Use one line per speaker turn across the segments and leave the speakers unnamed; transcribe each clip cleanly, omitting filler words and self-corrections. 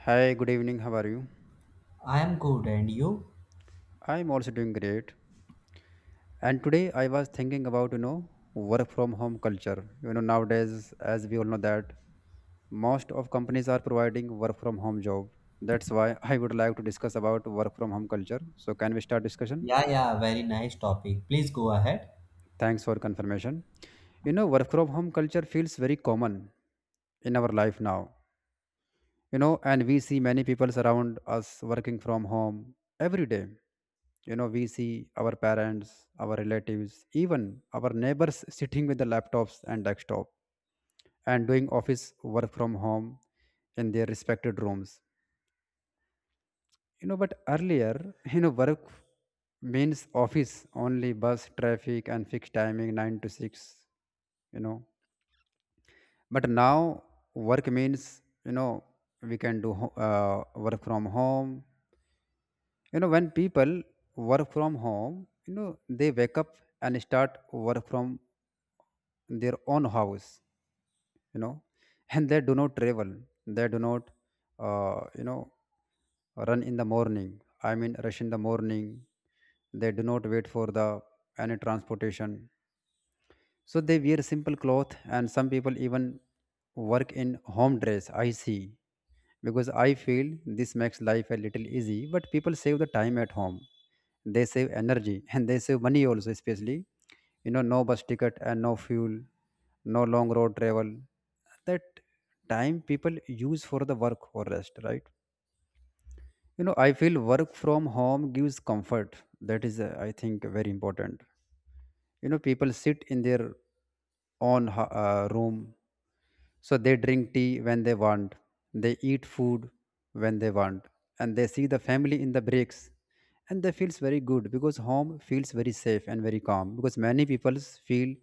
Hi, good evening. How are you?
I am good, and you?
I'm also doing great. And today I was thinking about, work from home culture. You know, nowadays, as we all know that most of companies are providing work from home job. That's why I would like to discuss about work from home culture. So can we start discussion?
Yeah, yeah, very nice topic. Please go ahead.
Thanks for confirmation. You know, work from home culture feels very common in our life now. You know, and we see many people around us working from home every day. You know, we see our parents, our relatives, even our neighbors sitting with the laptops and desktop and doing office work from home in their respected rooms. You know, but earlier, you know, work means office only, bus traffic and fixed timing 9 to 6. You know, but now work means, you know we can do work from home. You know, when people work from home, you know, they wake up and start work from their own house. You know, and they do not travel. They do not, uh, you know run in the morning. I mean, rush in the morning. They do not wait for the any transportation. So they wear simple cloth, and some people even work in home dress. I see, because I feel this makes life a little easy. But people save the time at home. They save energy and they save money also, especially you know, no bus ticket and no fuel, no long road travel. That time people use for the work or rest, right? You know, I feel work from home gives comfort. That is, I think, very important. You know, people sit in their own room, so they drink tea when they want, they eat food when they want, and they see the family in the breaks. And they feels very good because home feels very safe and very calm, because many people feel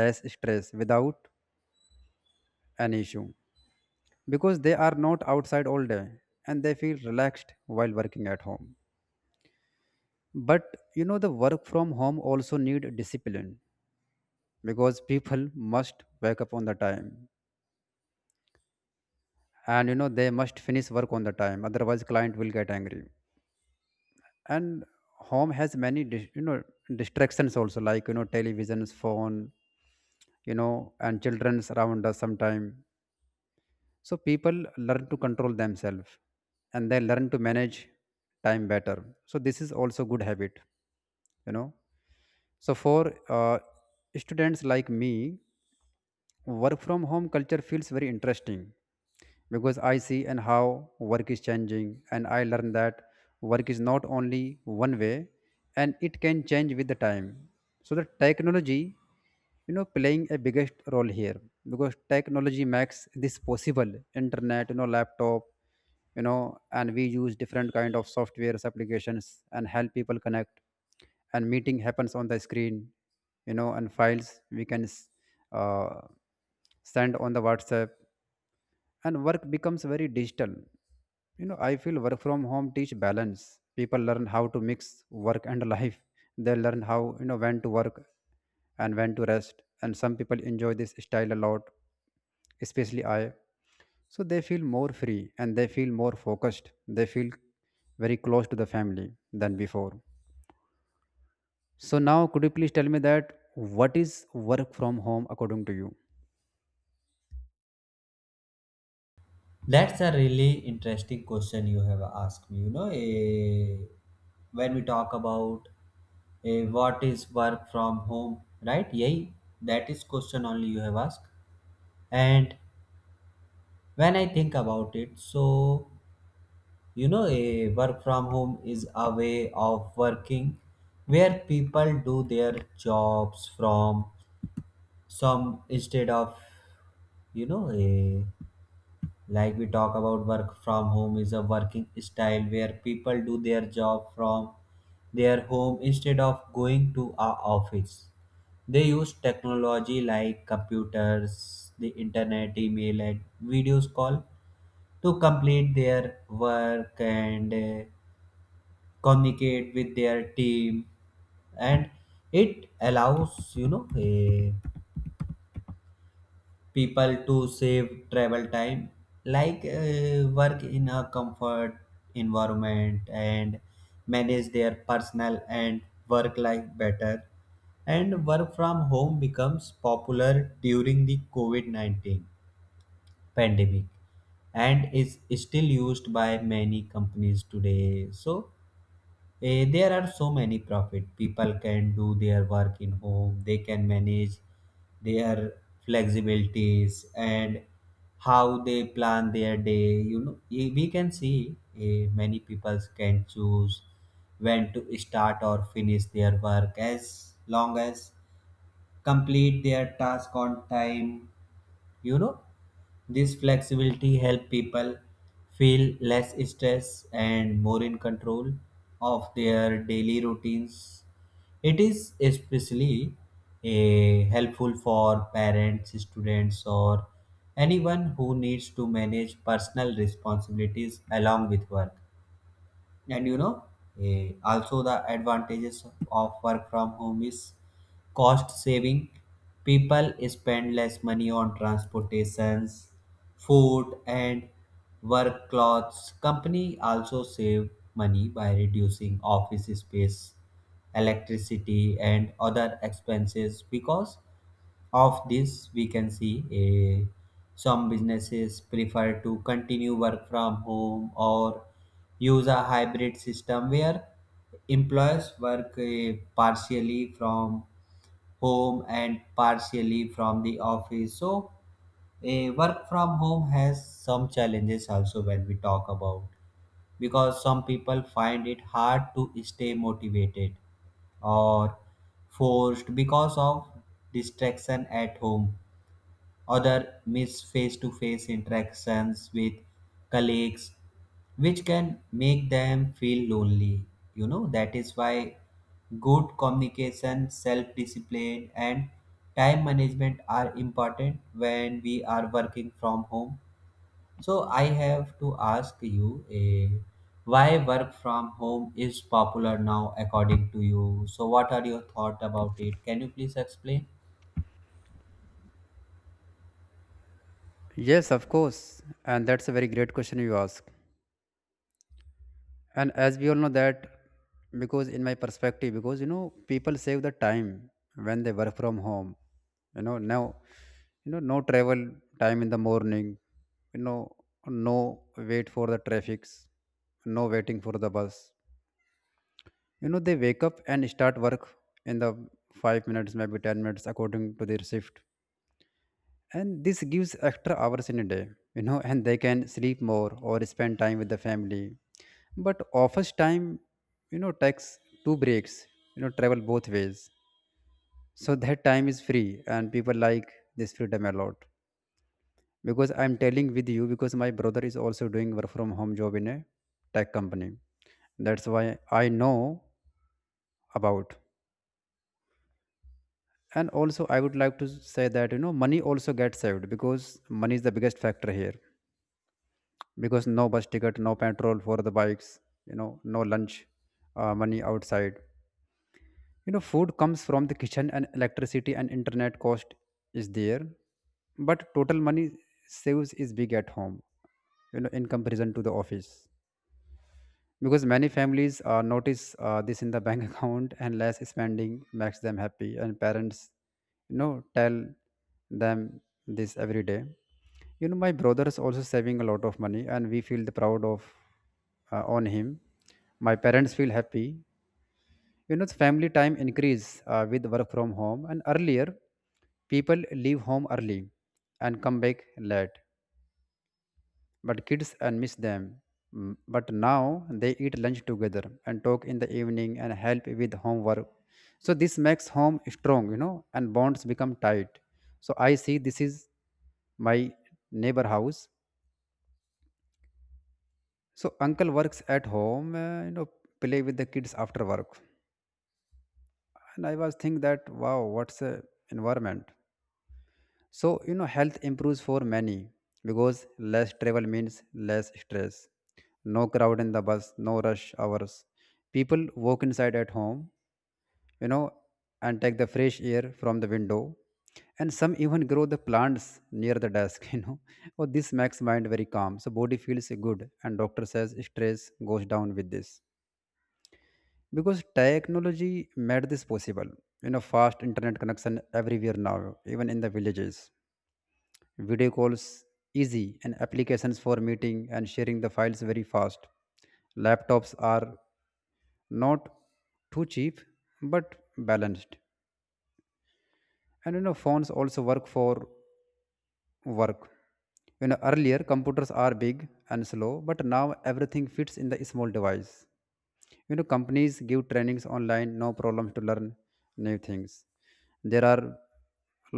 less stress without an issue because they are not outside all day, and they feel relaxed while working at home. But you know, the work from home also need discipline, because people must wake up on the time, and you know, they must finish work on the time, otherwise client will get angry. And home has many distractions also, like you know, televisions, phone, you know, and children's around us sometime. So people learn to control themselves and they learn to manage time better. So this is also good habit, you know. So for, uh, students like me, work from home culture feels very interesting because I see and how work is changing, and I learn that work is not only one way and it can change with the time. So the technology, you know, playing a biggest role here because technology makes this possible. Internet, you know, laptop, you know, and we use different kind of softwares applications and help people connect, and meeting happens on the screen. You know, and files we can uh, send on the WhatsApp, and work becomes very digital. You know, I feel work from home teach balance. People learn how to mix work and life. They learn how, you know, when to work and when to rest, and some people enjoy this style a lot, especially I. So they feel more free and they feel more focused. They feel very close to the family than before. So now, could you please tell me that what is work from home according to you?
That's a really interesting question you have asked me. You know, when we talk about what is work from home, right? Yay, that is question only you have asked. And when I think about it, so you know, a work from home is a way of working where people do their jobs from some, instead of, you know, a, like, we talk about work from home is a working style where people do their job from their home instead of going to a office. They use technology like computers, the internet, email, and videos call to complete their work, and communicate with their team. And it allows, you know, a people to save travel time, like work in a comfort environment, and manage their personal and work life better. And work from home becomes popular during the covid-19 pandemic and is still used by many companies today. So there are so many profit people can do their work in home. They can manage their flexibilities, and how they plan their day. You know, we can see many people can choose when to start or finish their work, as long as complete their task on time. You know, this flexibility help people feel less stress and more in control of their daily routines. It is especially helpful for parents, students, or anyone who needs to manage personal responsibilities along with work. And you know, also the advantages of work from home is cost saving. People spend less money on transportations, food, and work clothes. Company also save money by reducing office space, electricity, and other expenses. Because of this, we can see a, some businesses prefer to continue work from home, or use a hybrid system where employees work partially from home and partially from the office. So, a work from home has some challenges also when we talk about, because some people find it hard to stay motivated or forced because of distraction at home. Other miss face to face interactions with colleagues, which can make them feel lonely. You know, that is why good communication, self discipline, and time management are important when we are working from home. So, I have to ask you why work from home is popular now, according to you. So, what are your thoughts about it? Can you please explain?
Yes, of course, and that's a very great question you ask. And as we all know that, because in my perspective, because you know, people save the time when they work from home. You know now, you know, no travel time in the morning. You know, no wait for the traffics, no waiting for the bus. You know, they wake up and start work in the 5 minutes, maybe 10 minutes, according to their shift. And this gives extra hours in a day, you know, and they can sleep more or spend time with the family. But office time, you know, takes two breaks, you know, travel both ways. So that time is free and people like this freedom a lot, because I'm telling with you, because my brother is also doing work from home job in a tech company. That's why I know about. And also I would like to say that, you know, money also gets saved because money is the biggest factor here, because no bus ticket, no petrol for the bikes, you know, no lunch, money outside. You know, food comes from the kitchen, and electricity and internet cost is there, but total money saves is big at home, you know, in comparison to the office. Because many families, notice, this in the bank account, and less spending makes them happy. And parents, you know, tell them this every day. You know, my brother is also saving a lot of money and we feel the proud of, on him. My parents feel happy. You know, the family time increase, with work from home. And earlier people leave home early and come back late, but kids and miss them. Mm. But now they eat lunch together and talk in the evening and help with homework. So this makes home strong, you know, and bonds become tight. So I see this is my neighbor house. So uncle works at home, you know, play with the kids after work. And I was think that wow, what's a environment? So, you know, health improves for many because less travel means less stress. No crowd in the bus, no rush hours. People walk inside at home, you know, and take the fresh air from the window. And some even grow the plants near the desk, you know. Oh, this makes mind very calm. So body feels good, and doctor says stress goes down with this because technology made this possible. You know, fast internet connection everywhere now, even in the villages. Video calls easy, and applications for meeting and sharing the files very fast. Laptops are not too cheap but balanced. And you know, phones also work for work. You know, earlier computers are big and slow, but now everything fits in the small device. You know, companies give trainings online, no problem to learn new things. There are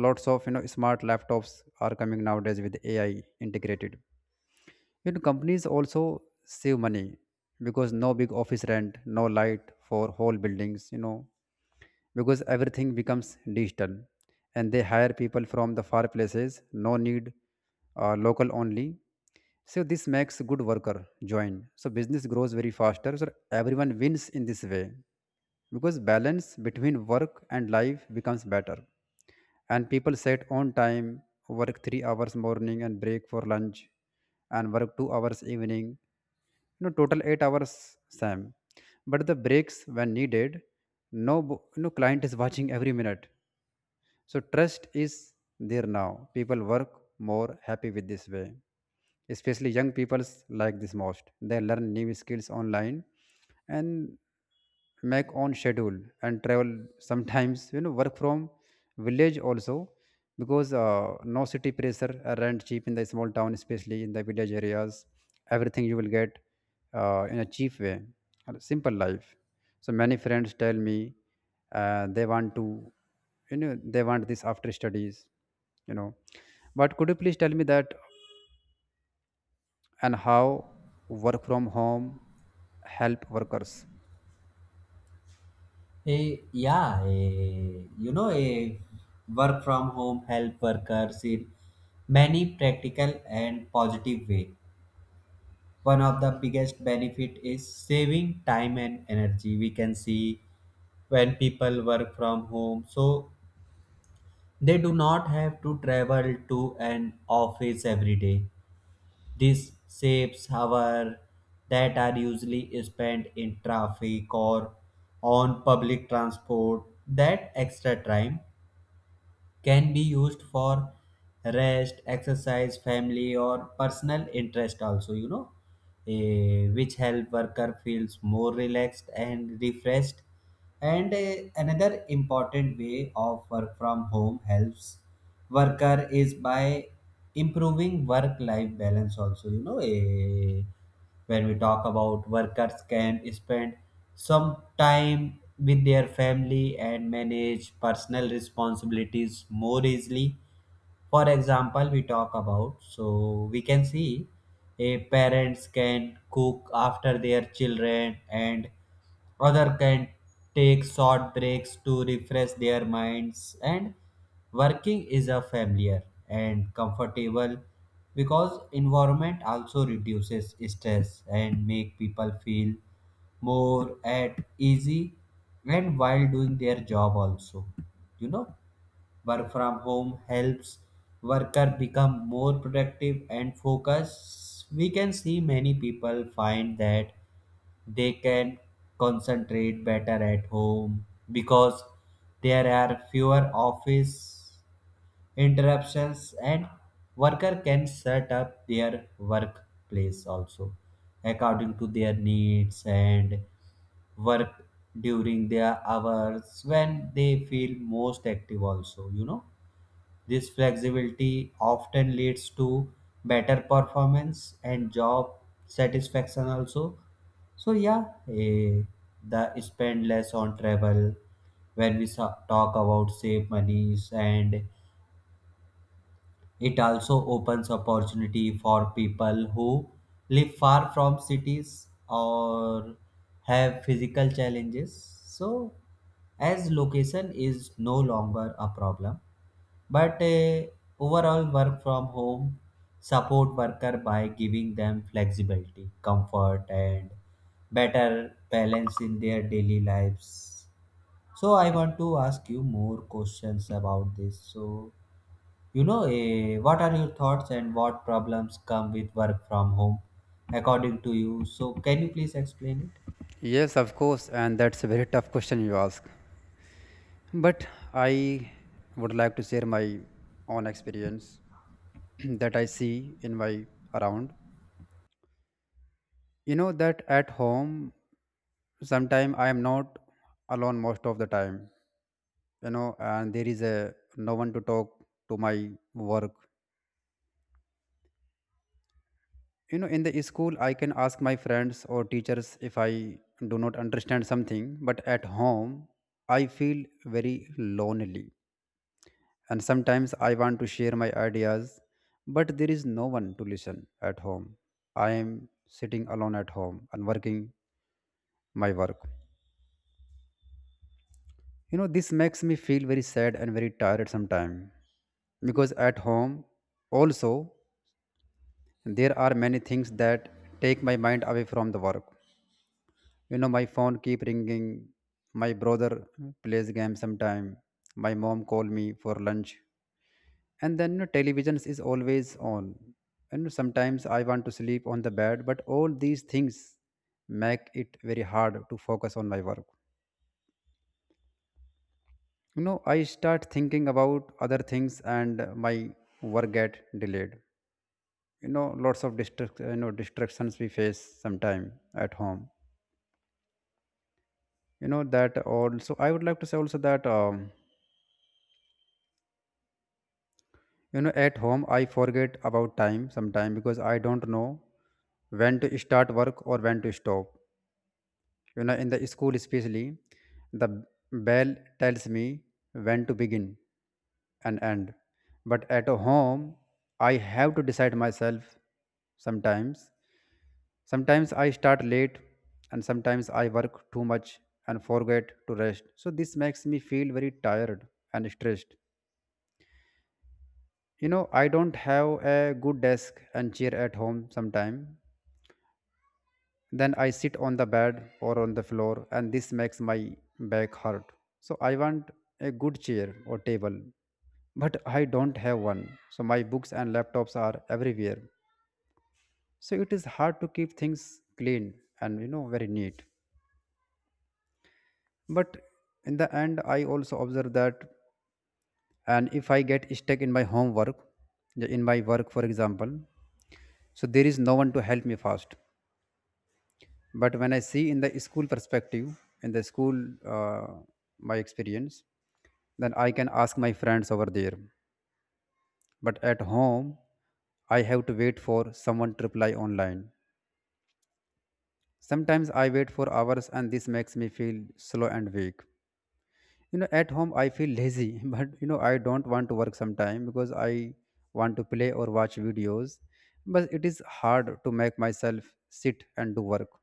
lots of, you know, smart laptops are coming nowadays with AI integrated. You know, companies also save money because no big office rent, no light for whole buildings, you know, because everything becomes digital. And they hire people from the far places, no need, local only. So this makes good worker join. So business grows very faster. So everyone wins in this way because balance between work and life becomes better, and people set on time, work 3 hours morning and break for lunch and work 2 hours evening, you know, total 8 hours sam, but the breaks when needed. No no client is watching every minute. So trust is there now. People work more happy with this way. Especially young people like this most. They learn new skills online and make own schedule and travel sometimes, you know, work from village also, because, no city pressure, rent cheap in the small town, especially in the village areas. Everything you will get, in a cheap way, a simple life. So many friends tell me, they want to, you know, they want this after studies, you know. But could you please tell me that, and how work from home help workers?
Yeah, you know, a work from home help workers in many practical and positive way. One of the biggest benefit is saving time and energy. We can see when people work from home, so they do not have to travel to an office every day. This saves hours that are usually spent in traffic or on public transport. That extra time can be used for rest, exercise, family, or personal interest also, you know, which help worker feels more relaxed and refreshed. And another important way of work from home helps worker is by improving work life balance also. You know, when we talk about workers can spend some time with their family and manage personal responsibilities more easily. For example, we talk about, so we can see a parents can cook after their children, and other can take short breaks to refresh their minds. And working is a familiar and comfortable, because environment also reduces stress and make people feel more at easy, and while doing their job also, you know, work from home helps worker become more productive and focused. We can see many people find that they can concentrate better at home because there are fewer office interruptions, and worker can set up their workplace also according to their needs, and work during their hours when they feel most active also, you know, this flexibility often leads to better performance and job satisfaction also. So yeah, the spend less on travel when we talk about save monies. And it also opens opportunity for people who live far from cities or have physical challenges. So as location is no longer a problem, but overall, work from home support worker by giving them flexibility, comfort, and better balance in their daily lives. So I want to ask you more questions about this. So you know, what are your thoughts and what problems come with work from home, according to you? So can you please explain it?
Yes, of course, and that's a very tough question you ask. But I would like to share my own experience that I see in my around. You know that at home sometime I am not alone most of the time, you know, and there is a no one to talk to my work. You know, in the school I can ask my friends or teachers if I do not understand something, but at home I feel very lonely. And sometimes I want to share my ideas, but there is no one to listen. At home I am sitting alone at home and working my work. You know, this makes me feel very sad and very tired sometimes, because at home also there are many things that take my mind away from the work. You know, my phone keep ringing, my brother plays game sometime, my mom call me for lunch, and then you know, television is always on, and sometimes I want to sleep on the bed. But all these things make it very hard to focus on my work. You know, I start thinking about other things and my work get delayed. You know, lots of distractions we face sometime at home. You know, that also I would like to say also that, you know, at home, I forget about time sometime because I don't know when to start work or when to stop. You know, in the school, especially, the bell tells me when to begin and end. But at home, I have to decide myself sometimes. Sometimes I start late and sometimes I work too much and forget to rest. So this makes me feel very tired and stressed. You know, I don't have a good desk and chair at home sometime. Then I sit on the bed or on the floor, and this makes my back hurt. So I want a good chair or table, but I don't have one. So my books and laptops are everywhere. So it is hard to keep things clean and very neat. But in the end, I also observe that, and if I get stuck in my homework, in my work, for example, so there is no one to help me fast. But when I see in the school perspective, in the school, uh, my experience, then I can ask my friends over there. But at home, I have to wait for someone to reply online. Sometimes I wait for hours, and this makes me feel slow and weak. You know, at home, I feel lazy but you know, I don't want to work sometime because I want to play or watch videos. But it is hard to make myself sit and do work.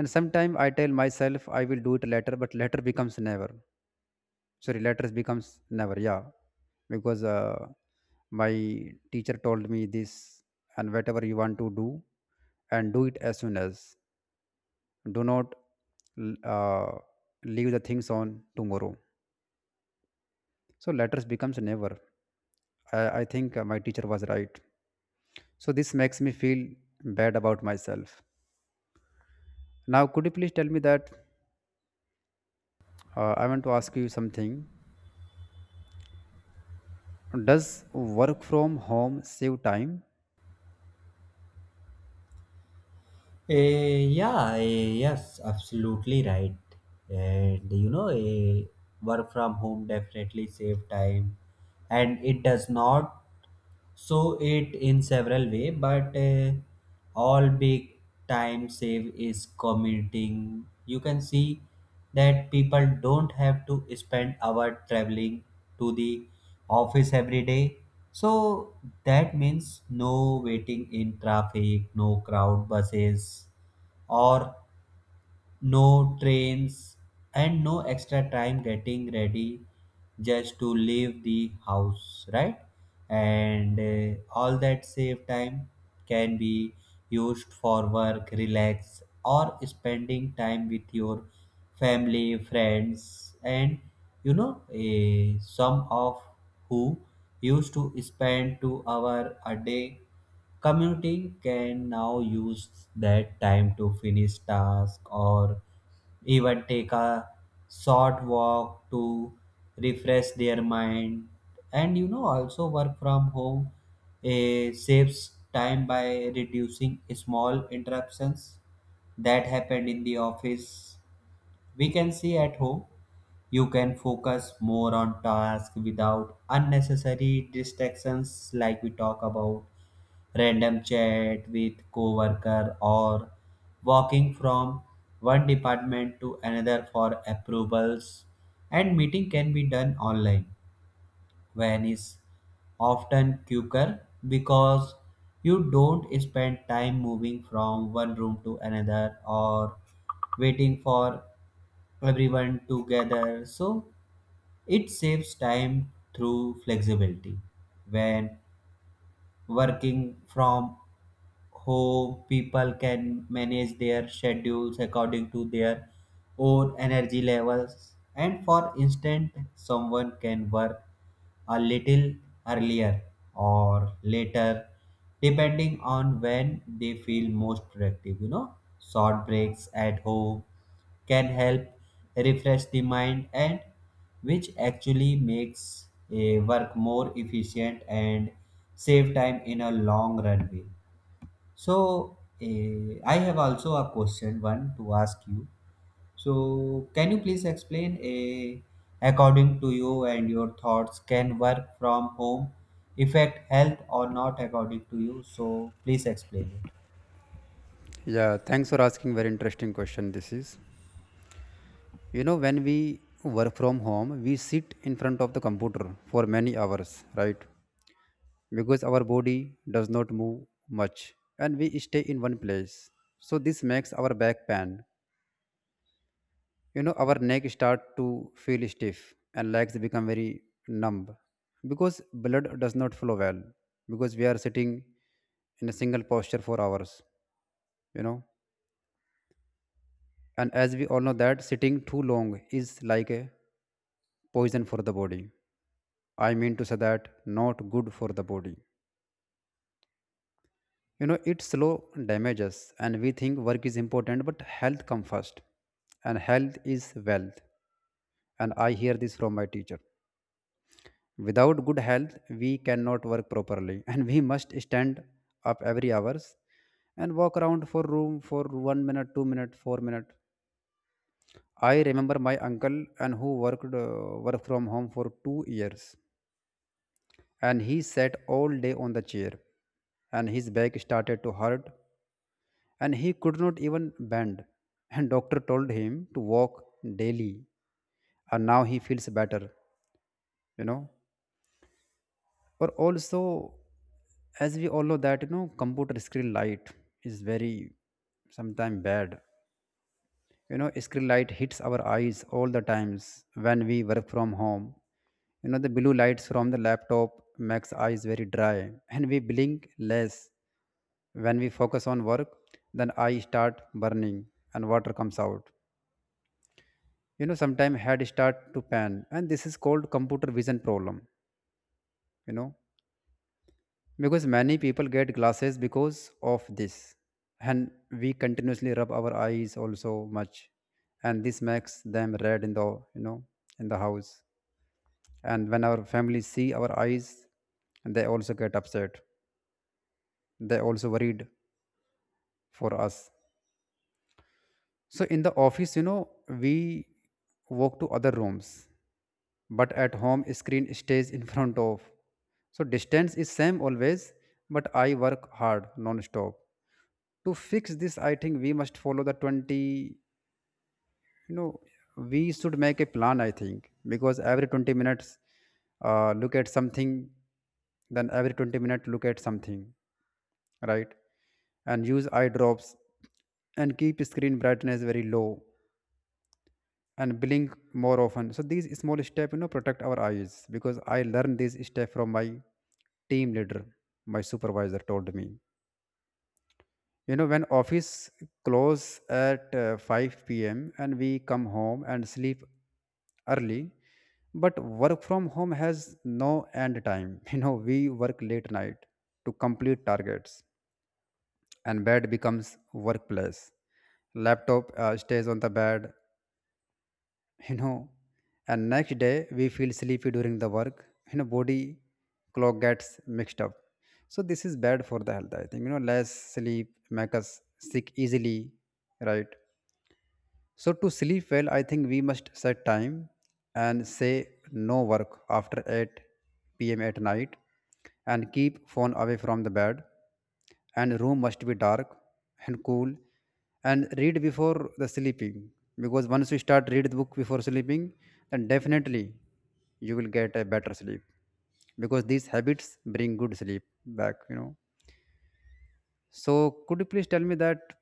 And sometimes I tell myself I will do it later, but later becomes never. Sorry, later becomes never. Yeah. Because my teacher told me this, and whatever you want to do and do it as soon as, do not l- uh, leave the things on tomorrow. So letters becomes never. I think my teacher was right. So this makes me feel bad about myself. Now could you please tell me that, I want to ask you something. Does work from home save time?
Yeah, yes, absolutely right. And you know, work from home definitely save time, and it does not so it in several way, but all big time save is commuting. You can see that people don't have to spend hour traveling to the office every day. So that means no waiting in traffic, no crowd buses, or no trains, and no extra time getting ready just to leave the house, right? And all that save time can be used for work, relax, or spending time with your family, friends, and you know, some of who used to spend 2 hours a day commuting can now use that time to finish tasks, or even take a short walk to refresh their mind. And you know, also work from home saves time by reducing small interruptions that happened in the office. We can see at home you can focus more on task without unnecessary distractions, like we talk about, random chat with coworker, or walking from one department to another for approvals. And meeting can be done online when is often quicker, because you don't spend time moving from one room to another, or waiting for everyone together. So it saves time through flexibility. When working from how people can manage their schedules according to their own energy levels. And for instance, someone can work a little earlier or later depending on when they feel most productive. You know, short breaks at home can help refresh the mind, and which actually makes a work more efficient and save time in a long run way. So, I have also a question one to ask you. So, can you please explain, according to you and your thoughts, can work from home affect health or not according to you? So, please explain it.
Yeah, thanks for asking. Very interesting question. This is, you know, when we work from home, we sit in front of the computer for many hours, right? Because our body does not move much and we stay in one place. So this makes our back pain. You know, our neck start to feel stiff and legs become very numb because blood does not flow well, because we are sitting in a single posture for hours, you know. And as we all know that sitting too long is like a poison for the body. I mean to say that, not good for the body. You know, it slow damages, and we think work is important but health come first. And health is wealth, and I hear this from my teacher. Without good health, we cannot work properly, and we must stand up every hours and walk around for room for 1 minute, 2 minute, 4 minute. I remember my uncle, and who work from home for 2 years, and he sat all day on the chair, and his back started to hurt, and he could not even bend, and doctor told him to walk daily, and now he feels better. You know, or also, as we all know that, you know, computer screen light is very sometimes bad. You know, screen light hits our eyes all the times when we work from home. You know, the blue lights from the laptop makes eyes very dry, and we blink less. When we focus on work, then eyes start burning and water comes out. You know, sometimes head start to pan, and this is called computer vision problem. You know, because many people get glasses because of this. And we continuously rub our eyes also much, and this makes them red in the you know in the house. And when our family see our eyes, they also get upset, they also worried for us. So in the office, you know, we walk to other rooms, but at home screen stays in front of, so distance is same always, but I work hard non stop. To fix this, I think we must follow the 20, you know, we should make a plan, I think, because every 20 minutes, look at something. Then every 20 minutes, look at something, right? And use eye drops, and keep screen brightness very low, and blink more often. So these small steps, you know, protect our eyes, because I learned this step from my team leader. My supervisor told me, you know, when office close at 5 p.m. and we come home and sleep early. But work from home has no end time, you know we work late night to complete targets, and bed becomes workplace. Laptop stays on the bed, you know. And next day we feel sleepy during the work. You know, body clock gets mixed up. So this is bad for the health, I think. You know, less sleep make us sick easily, right? So, to sleep well, I think we must set time and say no work after 8 p.m. at night, and keep phone away from the bed, and room must be dark and cool, and read before the sleeping. Because once you start read the book before sleeping, then definitely you will get a better sleep, because these habits bring good sleep back, you know. So could you please tell me that,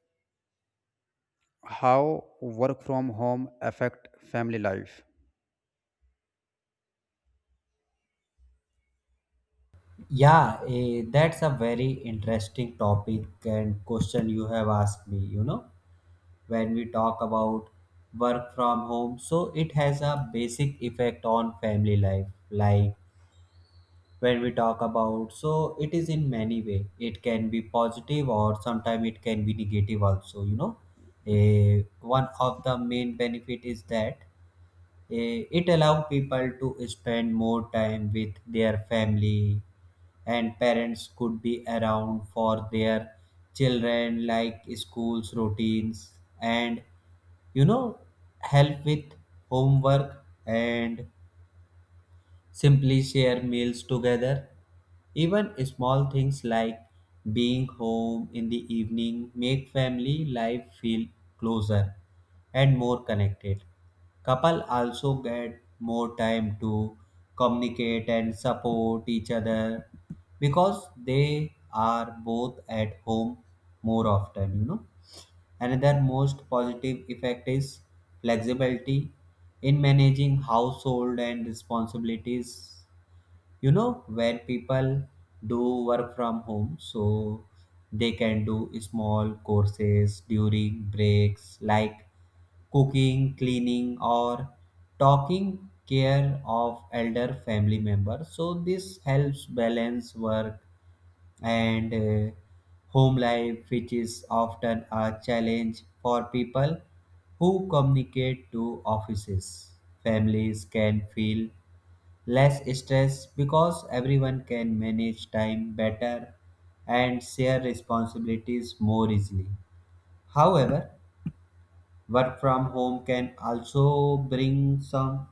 how work from home affect family life?
Yeah, that's a very interesting topic and question you have asked me. You know, when we talk about work from home, so it has a basic effect on family life, like when we talk about so it is in many way. It can be positive or sometimes it can be negative also, you know. One of the main benefit is that it allow people to spend more time with their family, and parents could be around for their children, like schools routines, and you know, help with homework, and simply share meals together. Even small things like being home in the evening make family life feel closer and more connected. Couple also get more time to communicate and support each other because they are both at home more often, you know. Another most positive effect is flexibility in managing household and responsibilities. You know, when people do work from home, so they can do small courses during breaks, like cooking, cleaning, or talking care of elder family members. So, this helps balance work and home life, which is often a challenge for people who communicate to offices. Families can feel less stress because everyone can manage time better and share responsibilities more easily. However, work from home can also bring some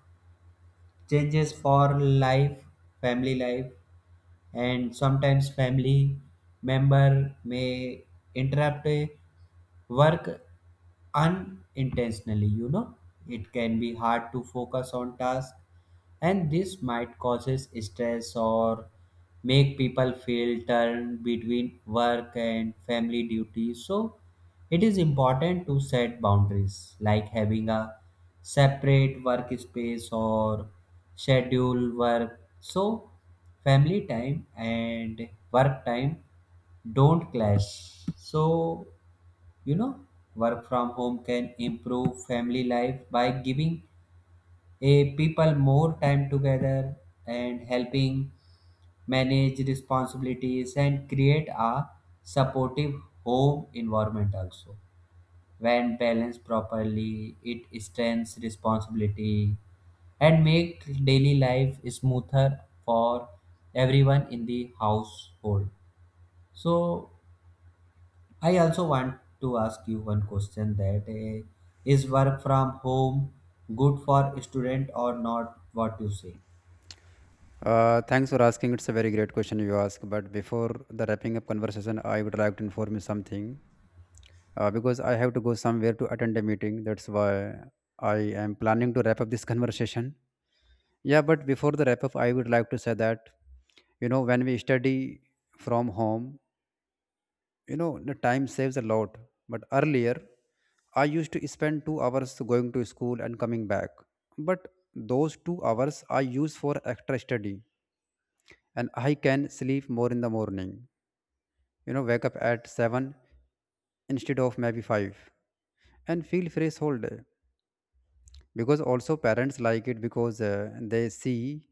changes for life, family life. And sometimes family member may interrupt a work unintentionally. You know, it can be hard to focus on task, and this might causes stress or make people feel torn between work and family duties. So it is important to set boundaries, like having a separate workspace or schedule work, so family time and work time don't clash. So you know, work from home can improve family life by giving a people more time together, and helping manage responsibilities, and create a supportive home environment also. When balanced properly it strengthens responsibility and make daily life smoother for everyone in the household. So I also want to ask you one question, that is work from home good for student or not? What you say?
Thanks for asking. It's a very great question you ask. But before the wrapping up conversation, I would like to inform you something, because I have to go somewhere to attend a meeting. That's why I am planning to wrap up this conversation. Yeah, but before the wrap up, I would like to say that, you know, when we study from home, you know, the time saves a lot. But earlier, I used to spend 2 hours going to school and coming back. But those 2 hours I use for extra study, and I can sleep more in the morning. You know, wake up at 7 instead of maybe 5 and feel fresh whole day. Because also parents like it because they see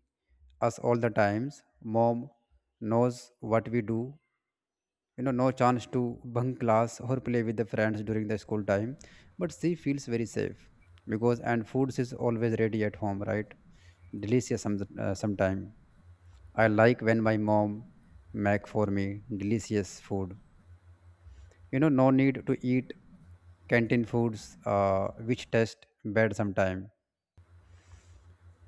us all the times. Mom knows what we do. You know, no chance to bunk class or play with the friends during the school time, but she feels very safe because. And foods is always ready at home, right? Delicious sometime I like when my mom make for me delicious food. You know, no need to eat canteen foods, which taste bad sometime.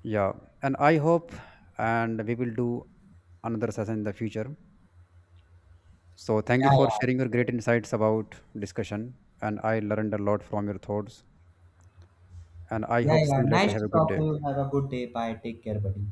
Yeah, and I hope and we will do another session in the future. So thank
Yeah,
you for sharing
yeah.
your great
So,
insights about discussion, and I learned a lot from your thoughts, and I
yeah,
hope see
yeah.
you later.
Nice
Have
to
a good
talk
day.
to you. Have a good day. Bye. Take care, buddy.